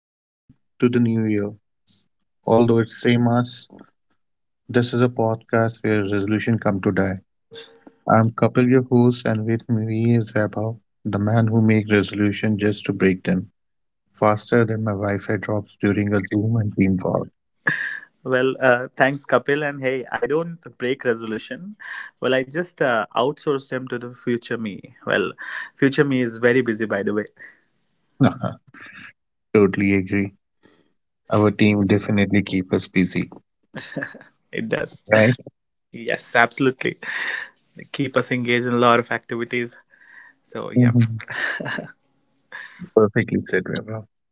welcome to the new year. Although it's same as this is a podcast where resolution come to die. I'm Kapil, your host, and with me is Vaibhav, the man who make resolution just to break them faster than my Wi-Fi drops during a Zoom and team call. Well, thanks, Kapil. And hey, I don't break resolution. Well, I just outsourced him to the future me. Well, future me is very busy, by the way. Totally agree. Our team definitely keep us busy, It does. right? Yes, absolutely. Keep us engaged in a lot of activities. So, yeah. Mhm. Perfectly said, Vaibhav.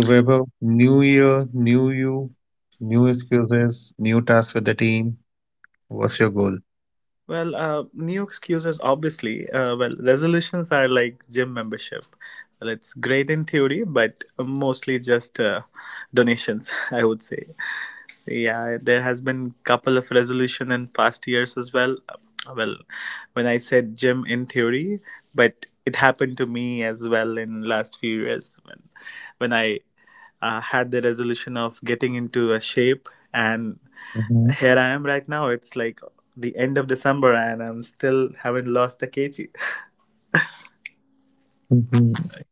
So Vaibhav, new year, new you, new excuses, new task for the team. What's your goal? Well, new excuses, obviously. Well, resolutions are like gym membership. Well, it's great in theory, but mostly just donations, I would say. Yeah, there has been couple of resolution in past years as well. Well, when I said gym in theory, but it happened to me as well in last few years when when I had the resolution of getting into a shape, and Mhm, here I am right now. It's like the end of December, and I'm still haven't lost the kg. mhm.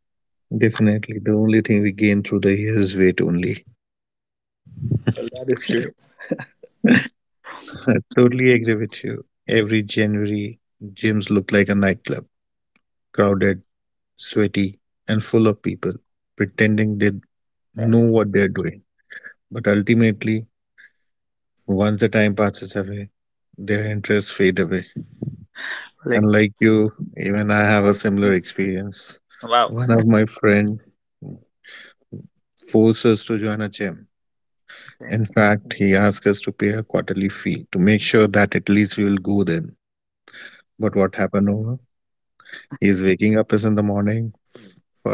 Definitely. The only thing we gain through the years weight only. Well, that is true, I totally agree with you. Every January, gyms look like a nightclub, crowded, sweaty, and full of people pretending they right? know what they're doing. But ultimately, once the time passes away, their interests fade away. Like, And like you, even I have a similar experience. wow. One of my friend forced us to join a gym. Okay. In fact, he asked us to pay a quarterly fee to make sure that at least we will go then. But what happened over? He is waking up us in the morning.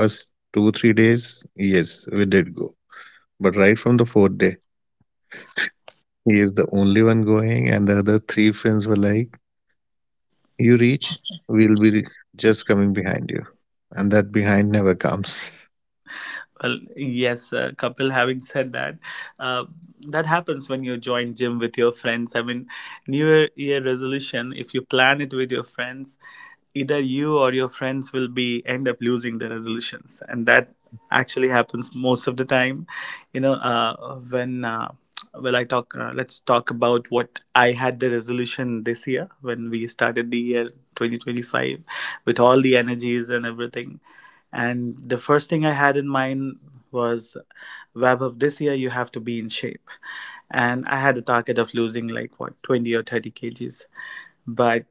First two, 3 days, yes, we did go. But right from the fourth day, he is the only one going, and the other three friends were like, you reach, we'll be just coming behind you. And that behind never comes. Well, yes, Kapil. Having said that, uh, that happens when you join gym with your friends. I mean, New Year resolution. If you plan it with your friends, either you or your friends will be end up losing the resolutions, and that actually happens most of the time. You know, when well, I talk. Let's talk about what I had the resolution this year when we started the year 2025 with all the energies and everything. And the first thing I had in mind was, "Web of this year you have to be in shape." And I had a target of losing like what 20 or 30 kgs. But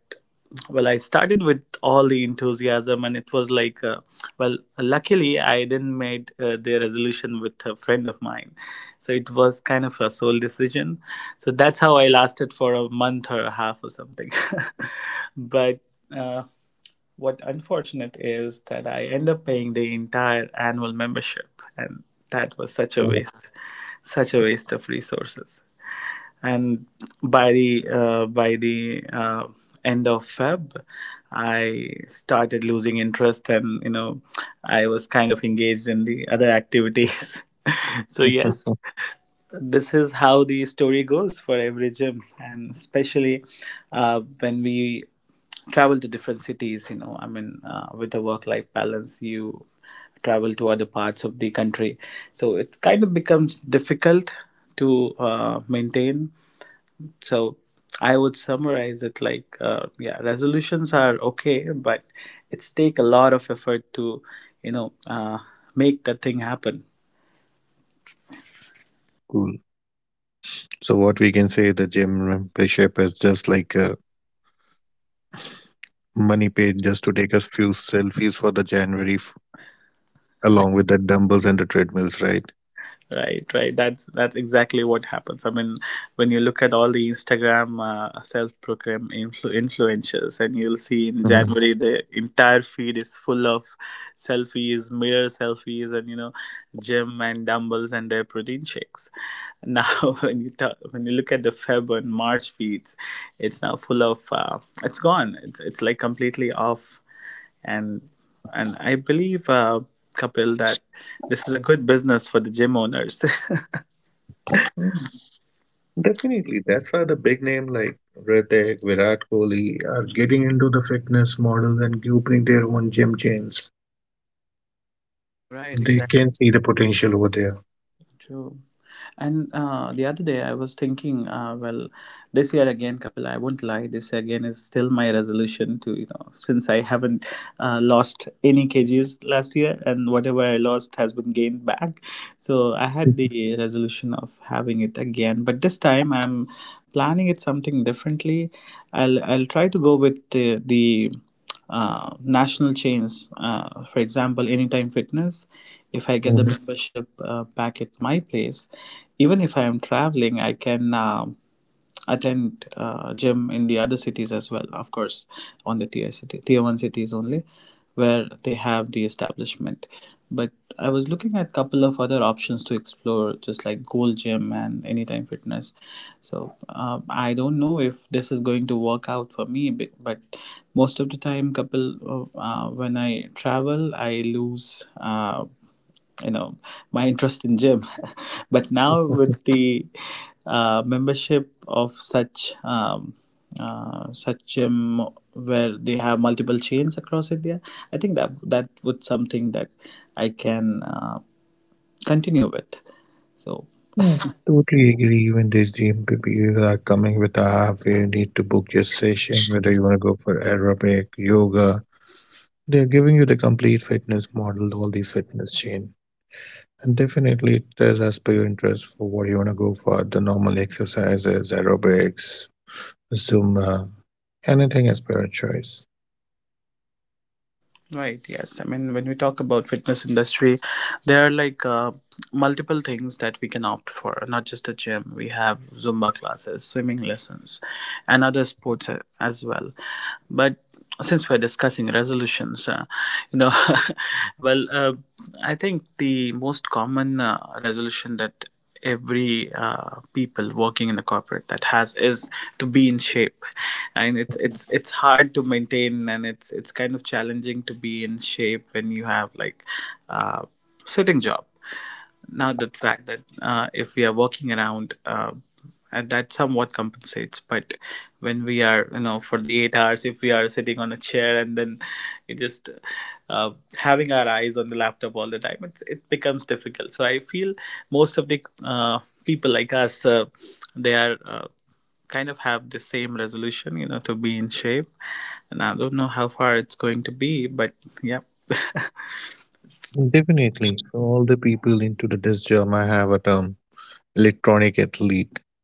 well, I started with all the enthusiasm, and it was like, well, luckily I didn't made the resolution with a friend of mine, so it was kind of a sole decision. So that's how I lasted for a month or a half or something. but. Uh, what unfortunate is that I end up paying the entire annual membership, and that was such a waste of resources. And by the end of Feb, I started losing interest, and you know, I was kind of engaged in the other activities. So yes, this is how the story goes for every gym, and especially when we travel to different cities, you know, I mean, with a work life balance, you travel to other parts of the country, so it kind of becomes difficult to maintain. So I would summarize it like, yeah, resolutions are okay, but it's take a lot of effort to, you know, make that thing happen. Cool. So what we can say, the gym membership is just like money paid just to take a few selfies for the January, f- along with the dumbbells and the treadmills, right? Right, right. That's exactly what happens. I mean, when you look at all the Instagram self-proclaimed influencers, and you'll see in Mhm. January the entire feed is full of selfies, mirror selfies, and you know, gym and dumbbells and their protein shakes. Now, when you look at the Feb and March feeds, it's now full of it's gone. It's like completely off, and and I believe, Kapil, that this is a good business for the gym owners. Mm, definitely. That's why the big name like Hrithik, Virat Kohli are getting into the fitness models and opening their own gym chains. Right, exactly. They can see the potential over there. True. And the other day I was thinking, well, this year again, Kapil, I won't lie, this again is still my resolution to, you know, since I haven't lost any kgs last year, and whatever I lost has been gained back. So I had the resolution of having it again, but this time I'm planning it something differently. I'll try to go with the national chains. For example, Anytime Fitness, if I get the Mhm. membership back at my place, even if I am traveling, I can attend gym in the other cities as well. Of course, on the tier one cities only, where they have the establishment. But I was looking at a couple of other options to explore, just like Gold Gym and Anytime Fitness. So I don't know if this is going to work out for me, but most of the time, couple of, when I travel, I lose. You know, my interest in gym. But now with the membership of such such gym where they have multiple chains across India, I think that would something that I can continue with. So. Yeah, I totally agree. Even these GMPPs are coming with a app where you need to book your session, whether you want to go for aerobic, yoga. They're giving you the complete fitness model, all these fitness chain. And definitely it does as per your interest for what you want to go for, the normal exercises, aerobics, Zumba, anything as per your choice. Right. Yes. I mean, when we talk about fitness industry, there are like multiple things that we can opt for. Not just a gym. We have Zumba classes, swimming lessons, and other sports as well. But since we're discussing resolutions, you know, well, I think the most common resolution that every people working in the corporate that has is to be in shape. And it's hard to maintain, and it's kind of challenging to be in shape when you have like a sitting job. Now, the fact that if we are walking around, and that somewhat compensates. But when we are, you know, for the 8 hours, if we are sitting on a chair and then it just uh, having our eyes on the laptop all the time, it becomes difficult. So I feel most of the people like us, they are. Kind of have the same resolution, you know, to be in shape. And I don't know how far it's going to be, but yeah. Definitely, for all the people into the disc job, I have a term, electronic athlete.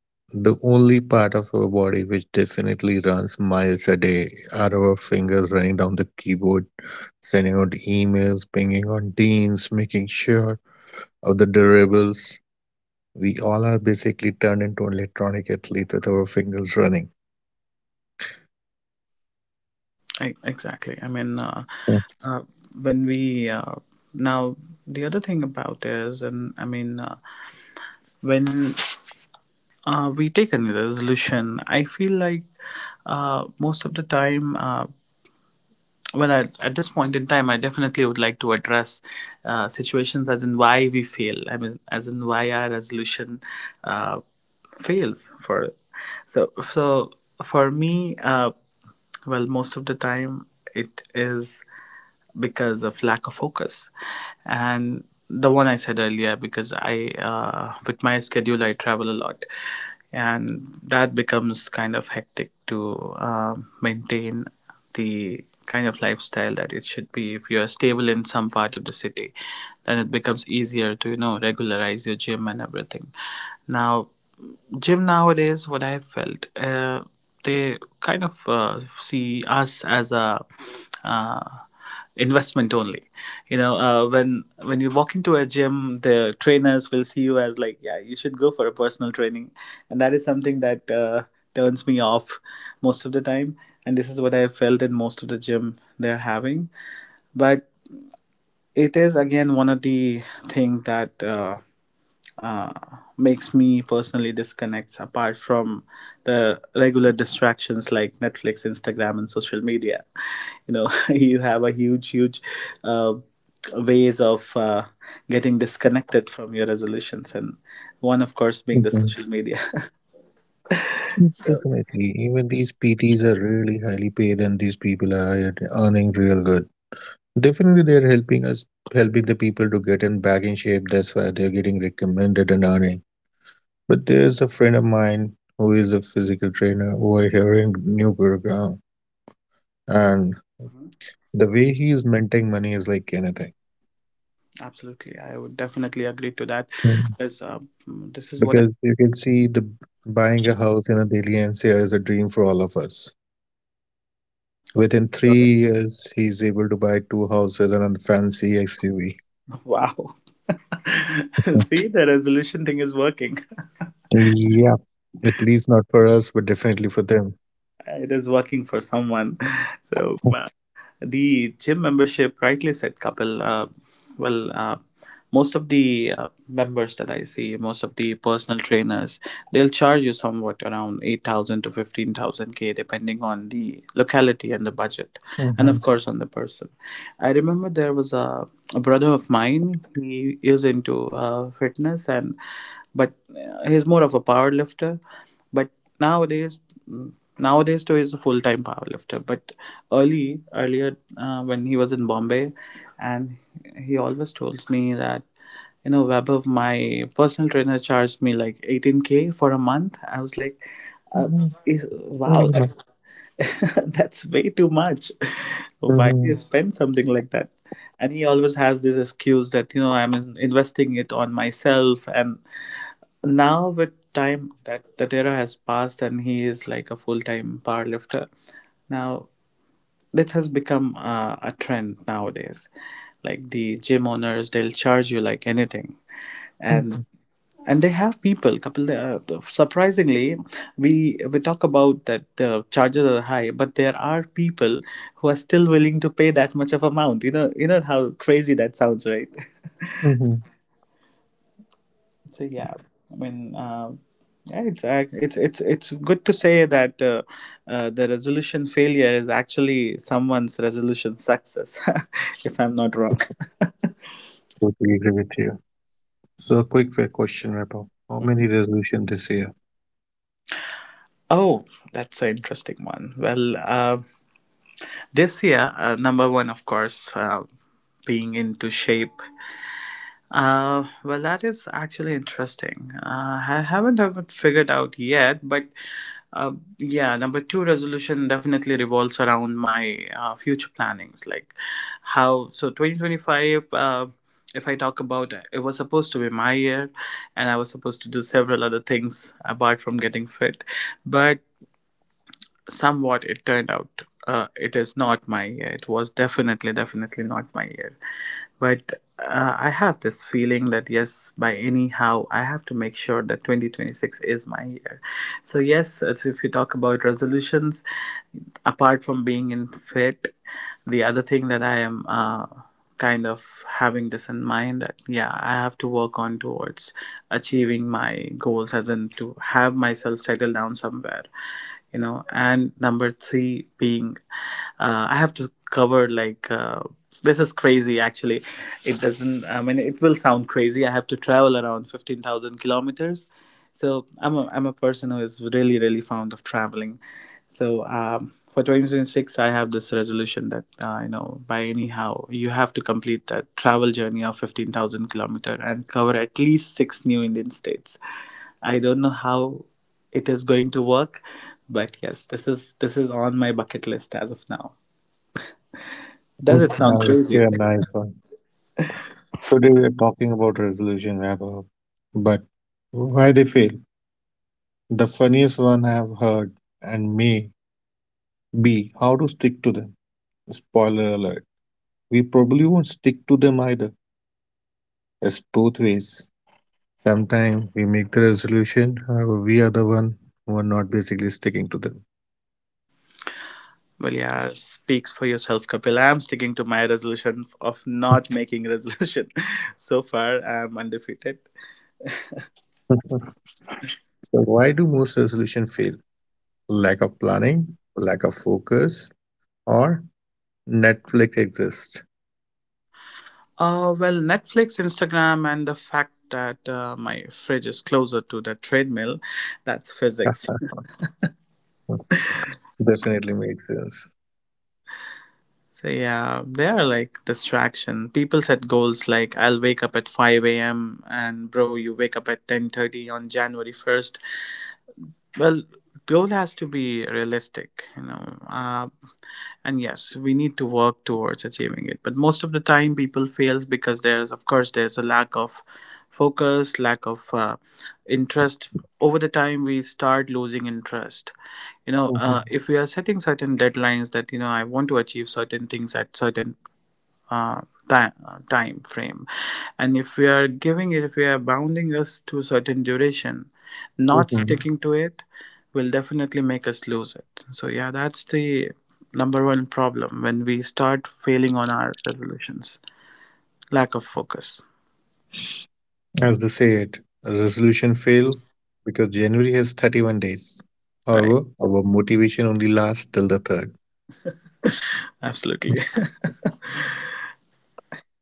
The only part of our body which definitely runs miles a day are our fingers running down the keyboard, sending out emails, pinging on teams, making sure of the deliverables. We all are basically turned into electronic athletes with our fingers running. Exactly. I mean, uh, when we now the other thing about is, and I mean, when we take a resolution, I feel like most of the time, well, I, at this point in time, I definitely would like to address situations as in why we fail. I mean, as in why our resolution uh, fails for. So, for me, well, most of the time it is because of lack of focus, and the one I said earlier, because I, with my schedule, I travel a lot, and that becomes kind of hectic to maintain the kind of lifestyle that it should be if you're stable in some part of the city. Then it becomes easier to, you know, regularize your gym and everything. Now, gym nowadays, what I felt, they kind of see us as a uh, investment only. You know, when you walk into a gym, the trainers will see you as like, yeah, you should go for a personal training. And that is something that turns me off most of the time, and this is what I felt in most of the gym they're having. But it is again one of the thing that uh, makes me personally disconnects, apart from the regular distractions like Netflix, Instagram, and social media. You know, you have a huge, huge uh, ways of getting disconnected from your resolutions, and one, of course, being the Mhm. social media. So. Definitely. Even these PTs are really highly paid and these people are earning real good. Definitely they're helping us, helping the people to get in back in shape. That's why they're getting recommended and earning. But there's a friend of mine who is a physical trainer over here in New Gurugram, and Hmm. the way he is minting money is like anything. Absolutely, I would definitely agree to that. Mm. As uh, this is what Because you can see, the buying a house in a daily NCR is a dream for all of us. Within I. 3 years, he's able to buy two houses and a fancy SUV. Wow. See, the resolution thing is working. Yeah, at least not for us, but definitely for them. It is working for someone. So wow. The gym membership, rightly said, Kapil. Well, most of the members that I see, most of the personal trainers, they'll charge you somewhat around 8,000 to 15,000 K, depending on the locality and the budget, and of Mhm, course, on the person. I remember there was a brother of mine, he is into fitness, and but he's more of a power lifter. But nowadays, mm, nowadays too, he's a full-time power lifter. But early earlier, when he was in Bombay, and he always told me that, you know, above my personal trainer charged me like 18k for a month. I was like, uh, mhm, wow, very that's. much. That's way too much. Why do you Mhm, spend something like that? And he always has this excuse that, you know, I'm investing it on myself. And now with time, that that era has passed, and he is like a full-time powerlifter now. This has become a trend nowadays. Like, the gym owners, they'll charge you like anything. and mhm, and they have people, couple, surprisingly, we talk about that the charges are high, but there are people who are still willing to pay that much of amount. You know, how crazy that sounds, right? mhm. So yeah, I mean, yeah, it's it's good to say that the resolution failure is actually someone's resolution success, if I'm not wrong. Totally agree with you. So a quick question, Vaibhav. How many resolution this year? Oh, that's an interesting one. Well, this year, number one, of course, being into shape. Well, that is actually interesting. I haven't figured out yet, but uh, yeah, number two resolution definitely revolves around my future plannings, like how so 2025. If I talk about it, it was supposed to be my year, and I was supposed to do several other things apart from getting fit, but somewhat it turned out it is not my year. It was definitely not my year. But I have this feeling that yes, by anyhow I have to make sure that 2026 is my year. So yes, so if you talk about resolutions, apart from being in fit, the other thing that I am kind of having this in mind that yeah, I have to work on towards achieving my goals, as in to have myself settle down somewhere, you know. And number three being I have to cover like this is crazy actually. It doesn't, I mean, it will sound crazy. I have to travel around 15,000 kilometers. So I'm a person who is really fond of traveling. So for 2026 I have this resolution that you know, by anyhow you have to complete that travel journey of 15,000 kilometer and cover at least six new Indian states. I don't know how it is going to work. But yes, this is on my bucket list as of now. Does Hmm, it sound crazy? okay, a nice one. Today we are talking about resolution, Vaibhav. But why they fail? The funniest one I have heard and may be how to stick to them. Spoiler alert. We probably won't stick to them either. It's both ways. Sometimes we make the resolution, however, we are the one who are not basically sticking to them. Well, yeah, speaks for yourself, Kapil. I'm sticking to my resolution of not making resolution. So far, I'm undefeated. So why do most resolution fail? Lack of planning, lack of focus, or Netflix exists. Well, Netflix, Instagram, and the fact that my fridge is closer to the treadmill, that's physics. Definitely makes sense. So yeah, they are like distraction. People set goals like I'll wake up at 5 a.m. and bro, you wake up at 10:30 on January 1st. Well, goal has to be realistic, you know. And yes, we need to work towards achieving it. But most of the time, people fails because there's, of course, there's a lack of focus, lack of interest. Over the time, we start losing interest. You know, Mhm, if we are setting certain deadlines that you know, I want to achieve certain things at certain uh, time, time frame, and if we are giving it if we are bounding us to certain duration, not mhm. sticking to it will definitely make us lose it. So yeah, that's the number one problem when we start failing on our resolutions, lack of focus. As they said, resolution fail because January has 31 days. Right. However, our motivation only lasts till the 3rd. Absolutely.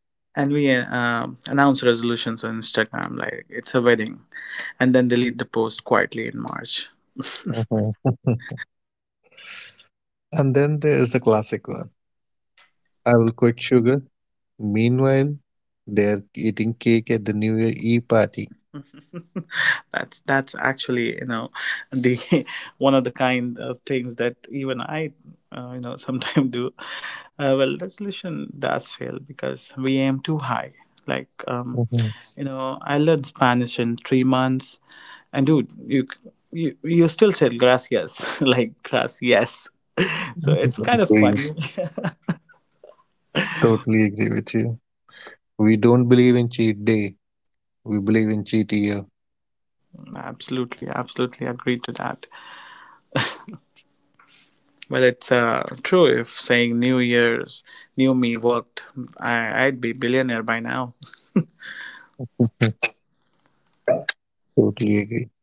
And we announce resolutions on Instagram like it's a wedding and then delete the post quietly in March. Mhm. And then there is the classic one. I will quit sugar. Meanwhile, they are eating cake at the New Year Eve party. That's actually, you know, the one of the kind of things that even I you know sometimes do. Well, resolution does fail because we aim too high, like Mhm. you know, I learned Spanish in 3 months. And dude, you still said gracias like gracias. So it's kind of Agree. funny. Totally agree with you. We don't believe in cheat day. We believe in cheat year. Absolutely agree to that. Well, it's true. If saying New Year's, new me worked, I'd be billionaire by now. Totally agree.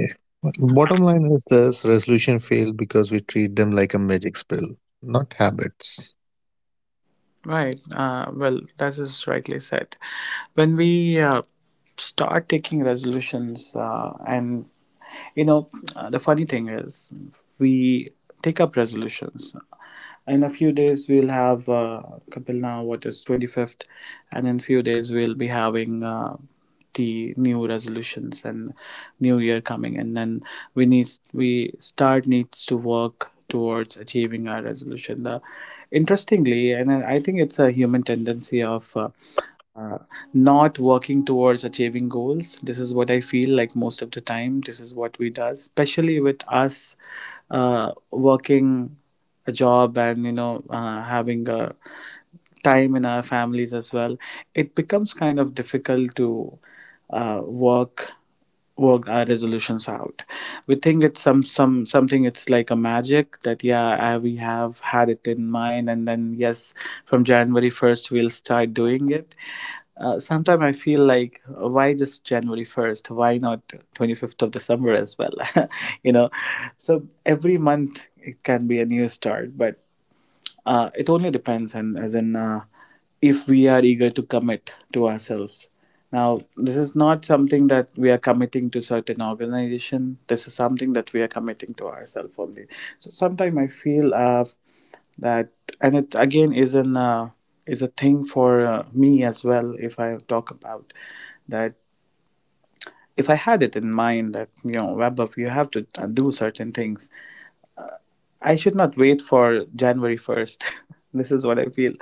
I- but bottom line is this resolution failed because we treat them like a magic spell, not habits. Right. Well, that is rightly said. When we start taking resolutions and you know, the funny thing is, we take up resolutions. In a few days, we'll have Kapil, now what is 25th, and in few days, we'll be having the new resolutions and new year coming. And then we start needs to work towards achieving our resolution. The, interestingly, and I think it's a human tendency of. Uh, Not working towards achieving goals, this is what I feel like most of the time. This is what we do, especially with us working a job and you know, having a time in our families as well. It becomes kind of difficult to work worked our resolutions out. We think it's something. It's like a magic that yeah, we have had it in mind and then yes, from January 1st we'll start doing it. Sometimes I feel like why just January 1st? Why not 25th of December as well? You know, so every month it can be a new start, but it only depends, and as in, if we are eager to commit to ourselves. Now, this is not something that we are committing to certain organization. This is something that we are committing to ourselves only. So sometimes I feel that, and it again is a thing for me as well. If I talk about that, if I had it in mind that you know, Web, you have to do certain things, I should not wait for January 1st. This is what I feel.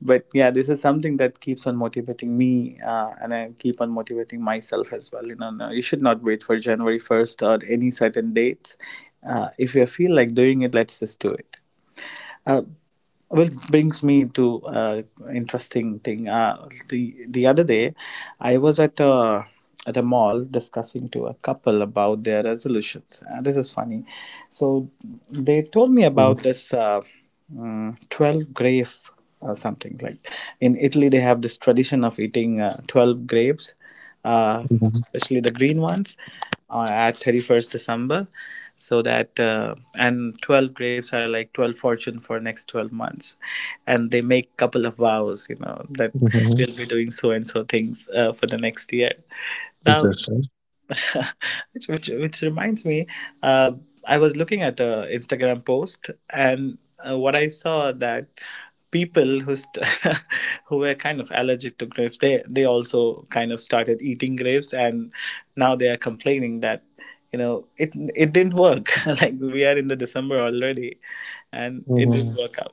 But yeah, this is something that keeps on motivating me and I keep on motivating myself as well. You know, no, you should not wait for January 1st or any certain dates. If you feel like doing it, let's just do it. Uh, well, brings me to interesting thing. The other day, I was at a mall discussing to a couple about their resolutions. This is funny. So they told me about this 12 grape or something like, in Italy they have this tradition of eating 12 grapes, uh, Mm-hmm. especially the green ones, at 31st December. So that, and 12 grapes are like 12 fortune for next 12 months. And they make couple of vows, you know, that Hmm. we'll be doing so and so things for the next year. Now, Interesting. which reminds me, uh, I was looking at a Instagram post, and what I saw that people who who were kind of allergic to grapes, they also kind of started eating grapes, and now they are complaining that you know, it didn't work. Like we are in the December already, and it didn't Hmm. work out.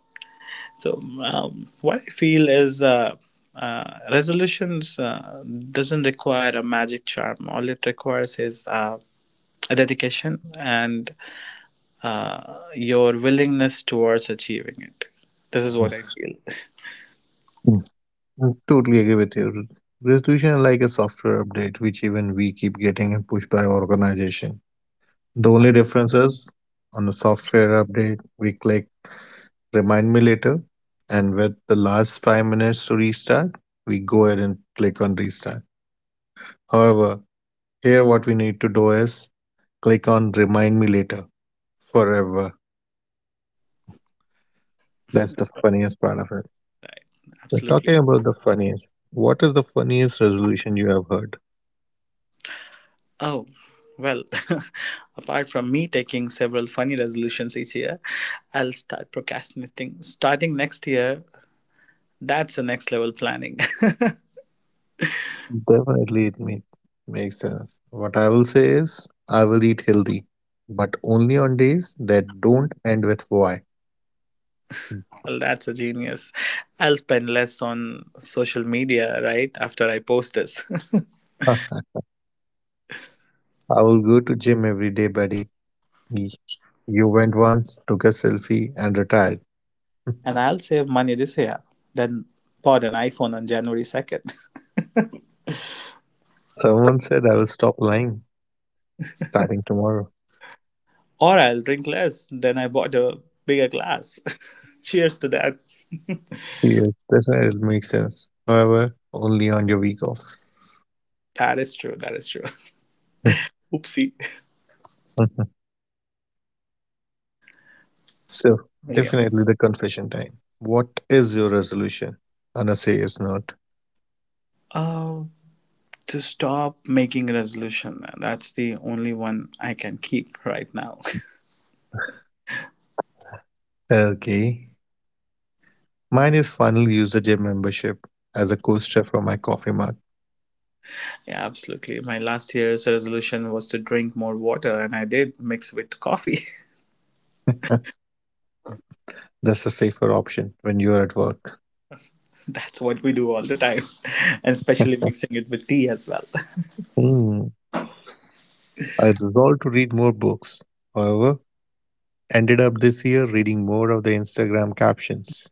So what I feel is resolutions doesn't require a magic charm. All it requires is a dedication and your willingness towards achieving it. This is what I feel. Mm. I totally agree with you. Resolution is like a software update, which even we keep getting and pushed by our organization. The only difference is on the software update, we click remind me later, and with the last 5 minutes to restart, we go ahead and click on restart. However, here, what we need to do is click on remind me later forever. That's the funniest part of it. We're Absolutely. talking about the funniest. What is the funniest resolution you have heard? Oh, well, apart from me taking several funny resolutions each year, I'll start procrastinating. Starting next year, that's the next level planning. Definitely, it makes sense. What I will say is, I will eat healthy, but only on days that don't end with Y. Well, that's a genius. I'll spend less on social media, right, after I post this. I will go to gym every day, buddy. Y- You went once, took a selfie, and retired. And I'll save money this year. Then bought an iPhone on January 2nd. Someone said I will stop lying starting tomorrow. Or I'll drink less. Then I bought a bigger glass. Cheers to that. Yes, definitely it makes sense. However, only on your week off. That is true. That is true. Oopsie. So, Well, yeah. definitely the confession time. What is your resolution? Anna says not. Uh, to stop making a resolution. That's the only one I can keep right now. Okay. Mine is finally use the gym membership as a coaster for my coffee mug. Yeah, absolutely. My last year's resolution was to drink more water, and I did mix with coffee. That's a safer option when you're at work. That's what we do all the time, and especially mixing it with tea as well. Hmm. I resolved to read more books. However, ended up this year reading more of the Instagram captions.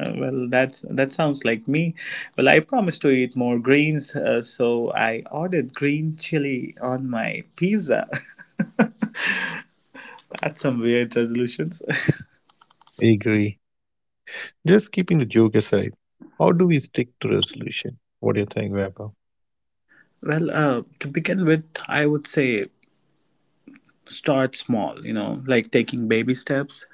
Well, that sounds like me. Well, I promised to eat more greens, so I ordered green chili on my pizza. That's some weird resolutions. Agree. Just keeping the joke aside, how do we stick to resolution? What do you think, Vaibhav? Well, to begin with, I would say start small, you know, like taking baby steps.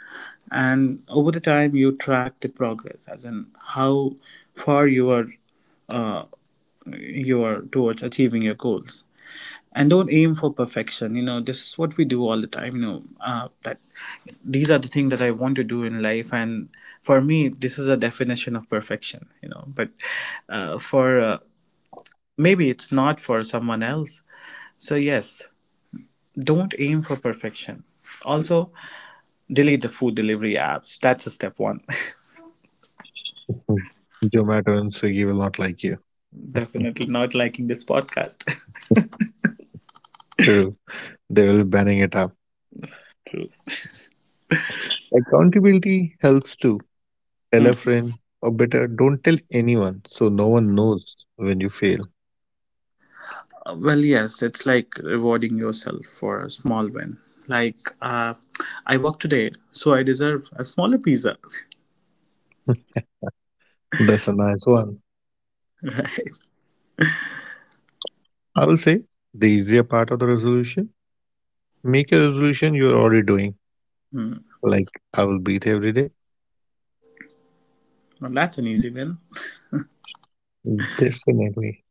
And over the time, you track the progress, as in how far you are uh, your towards achieving your goals. And don't aim for perfection, you know. This is what we do all the time, you know, that these are the things that I want to do in life. And for me, this is a definition of perfection, you know. But for maybe it's not for someone else. So yes, don't aim for perfection. Also, delete the food delivery apps, that's a step one. Zomato and Swiggy will not like you. Definitely not liking this podcast. True. They will be banning it up. Accountability helps too. Tell Hmm. a friend, or better, don't tell anyone so no one knows when you fail. Well, yes, it's like rewarding yourself for a small win. Like, I work today, so I deserve a smaller pizza, That's a nice one. right? I will say the easier part of the resolution. Make a resolution you're already doing. Hmm. Like I will breathe every day. Well, that's an easy win. Definitely.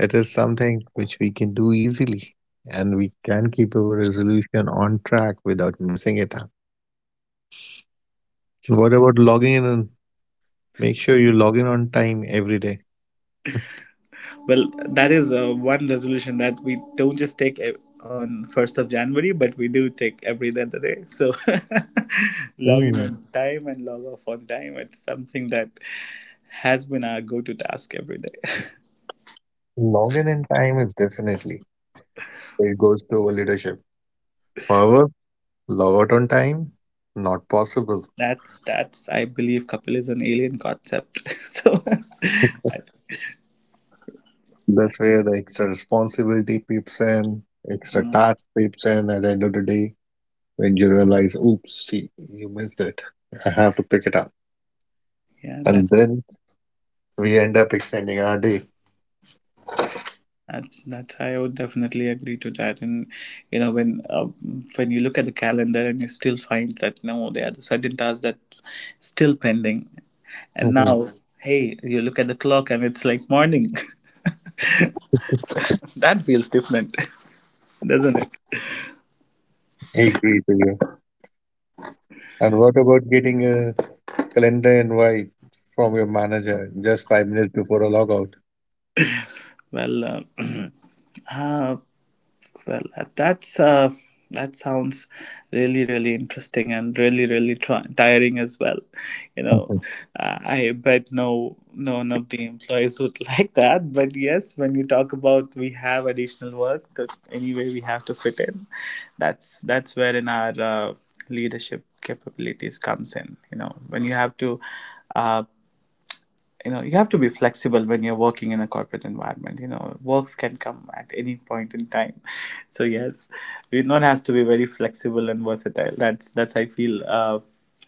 It is something which we can do easily, and we can keep our resolution on track without missing it up. What True. about logging in? Make sure you log in on time every day. Well, that is one resolution that we don't just take on 1st of January, but we do take every other day. So, log in Mm, on time and log off on time. It's something that has been our go to task every day. log in time is definitely, so it goes to our leadership. However, log out on time, not possible. That's, I believe, Kapil is an alien concept. So I, That's where the extra responsibility peeps in, extra uh, tasks peeps in at the end of the day when you realize, oops, see, you missed it. I have to pick it up. yeah, And that then we end up extending our day. that's that's I would definitely agree to that. And you know, when you look at the calendar and you still find that no, there are certain tasks that still pending. And Hmm. now, hey, you look at the clock and it's like morning. That feels different, doesn't it? I agree to you. And what about getting a calendar invite from your manager just 5 minutes before a logout? Well. Uh, Well, that sounds really, really interesting and really, really tiring as well. You know, Mhm. I bet no one of the employees would like that. But yes, when you talk about we have additional work that anyway we have to fit in, that's wherein our leadership capabilities comes in. You know, when you have to. Uh, you know, you have to be flexible when you're working in a corporate environment. You know, works can come at any point in time so yes, one has to be very flexible and versatile. That's I feel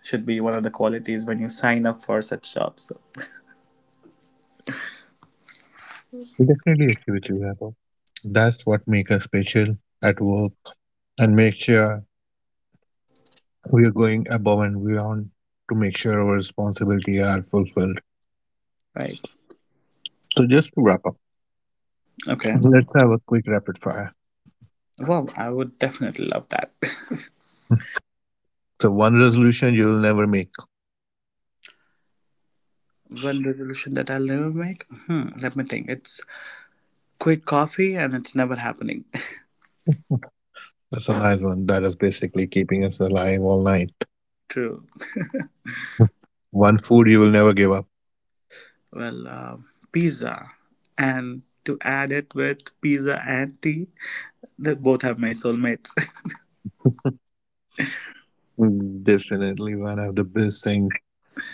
should be one of the qualities when you sign up for such jobs. So, We definitely agree with you, Vaibhav. That's what makes us special at work and make sure we are going above and beyond to make sure our responsibilities are fulfilled. right. So just to wrap up, Okay. let's have a quick rapid fire. Well, I would definitely love that. So one resolution you will never make. One resolution that I'll never make, hmm, let me think. It's quit coffee and it's never happening. That's a nice one. That is basically keeping us alive all night. True. One food you will never give up. Well, pizza, and to add it with, pizza and tea. They both have my soulmates. Mm, definitely one of the best thing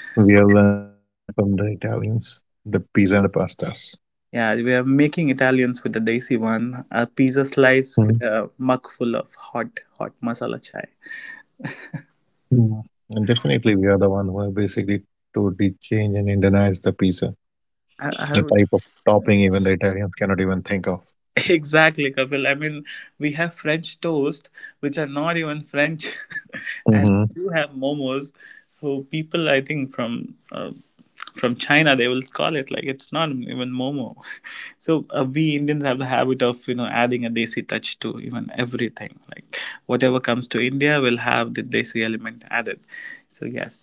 we have learned from the Italians, the pizza and the pastas. Yeah, we are making Italians with the desi one, a pizza slice Mm. with a mug full of hot, hot masala chai. Mm. And definitely we are the one who have basically totally changed and Indianized the pizza, I, the I type would, of topping even the Italians cannot even think of. exactly, Kapil. I mean, we have French toast, which are not even French, and Hmm. you have momos, who people I think from China, they will call it like it's not even momo. So we Indians have the habit of, adding a desi touch to even everything, like whatever comes to India will have the desi element added. So yes,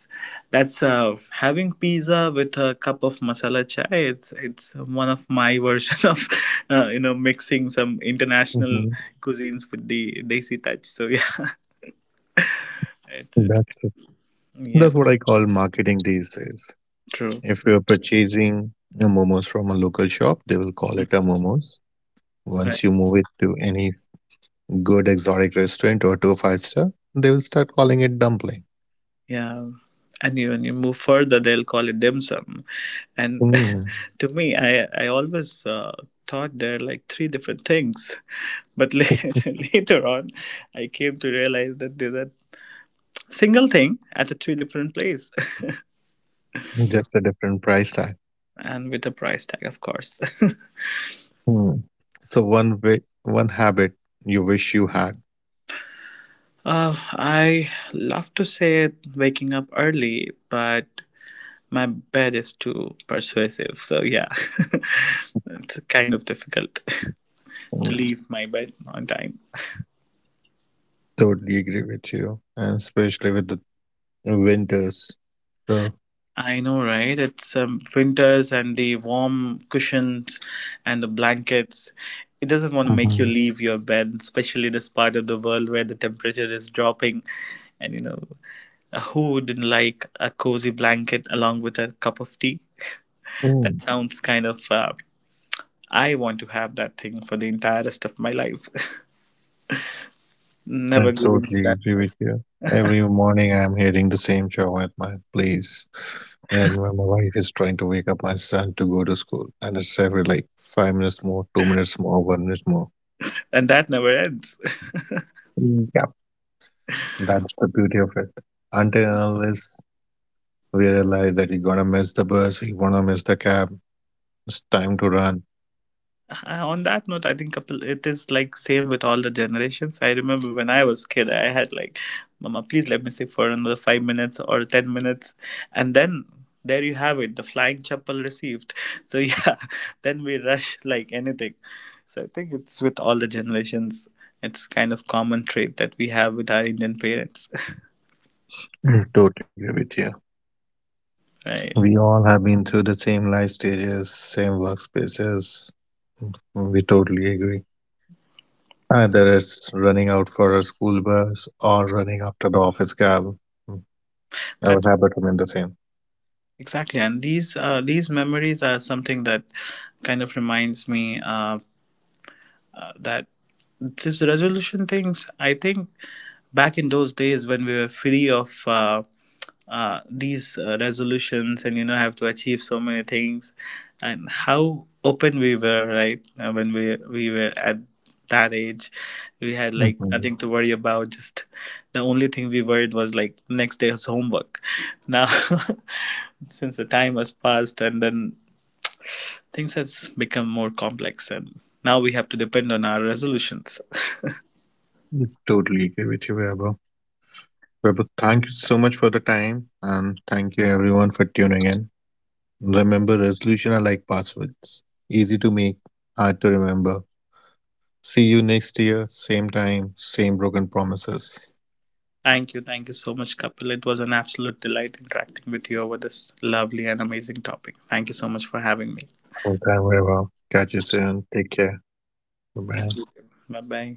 that's having pizza with a cup of masala chai, it's one of my version of mixing some international Hmm. cuisines with the desi touch. So yeah, it's. That's it. That's Yeah, what I call marketing these days. true. If you're purchasing a momos from a local shop, they will call it a momos. Once Right. you move it to any good exotic restaurant or to a five-star, they will start calling it dumpling. Yeah, and you, when you move further, they'll call it dim sum and Mm. to me, I always thought there are like three different things. But later on, I came to realize that there's a single thing at a three different place. Just a different price tag. And with a price tag, of course. Mm. So one way, one habit you wish you had. I love to say it, waking up early, but my bed is too persuasive. So, yeah, it's kind of difficult Mm. to leave my bed on time. Totally agree with you, and especially with the winters. So I know, right? It's winters and the warm cushions and the blankets. It doesn't want to make you mhm. leave your bed, especially this part of the world where the temperature is dropping. And you know, who wouldn't like a cozy blanket along with a cup of tea? Mm. That sounds kind of. I want to have that thing for the entire rest of my life. I Never giving up totally that. agree with Part. you. Every morning I'm hearing the same show at my place when my wife is trying to wake up my son to go to school and it's every like 5 minutes more, 2 minutes more, 1 minute And that never ends. more. That's the beauty of it. Until and unless we realize that you're gonna miss the bus, you're gonna miss the cab, it's time to run. On that note, I think couple, it is like same with all the generations. I remember when I was kid, I had like, mama, please let me sit for another 5 minutes or 10 minutes, and then there you have it, the flying chapel received. So yeah, then we rush like anything. So I think it's with all the generations, it's kind of common trait that we have with our Indian parents. Mm, totally agree with you. Right. We all have been through the same life stages, same workspaces. We totally agree. Either it's running out for a school bus or running after the office cab. Mm, our That's habit remain the same. exactly. And these memories are something that kind of reminds me. That this resolution things, I think back in those days when we were free of these resolutions and you know have to achieve so many things and how open we were, right? When we were at that age, we had like Hmm. nothing to worry about, just, the only thing we worried was like next day's homework. Now, since the time has passed and then, things has become more complex and now we have to depend on our resolutions. Totally agree with you, Vaibhav. Vaibhav, thank you so much for the time and thank you everyone for tuning in. Remember, resolution are like passwords. Easy to make, hard to remember. See you next year, same time, same broken promises. Thank you so much, Kapil. It was an absolute delight interacting with you over this lovely and amazing topic. Thank you so much for having me. Sometime wherever. Catch you soon. Take care. Bye, Yeah. bye. Bye bye.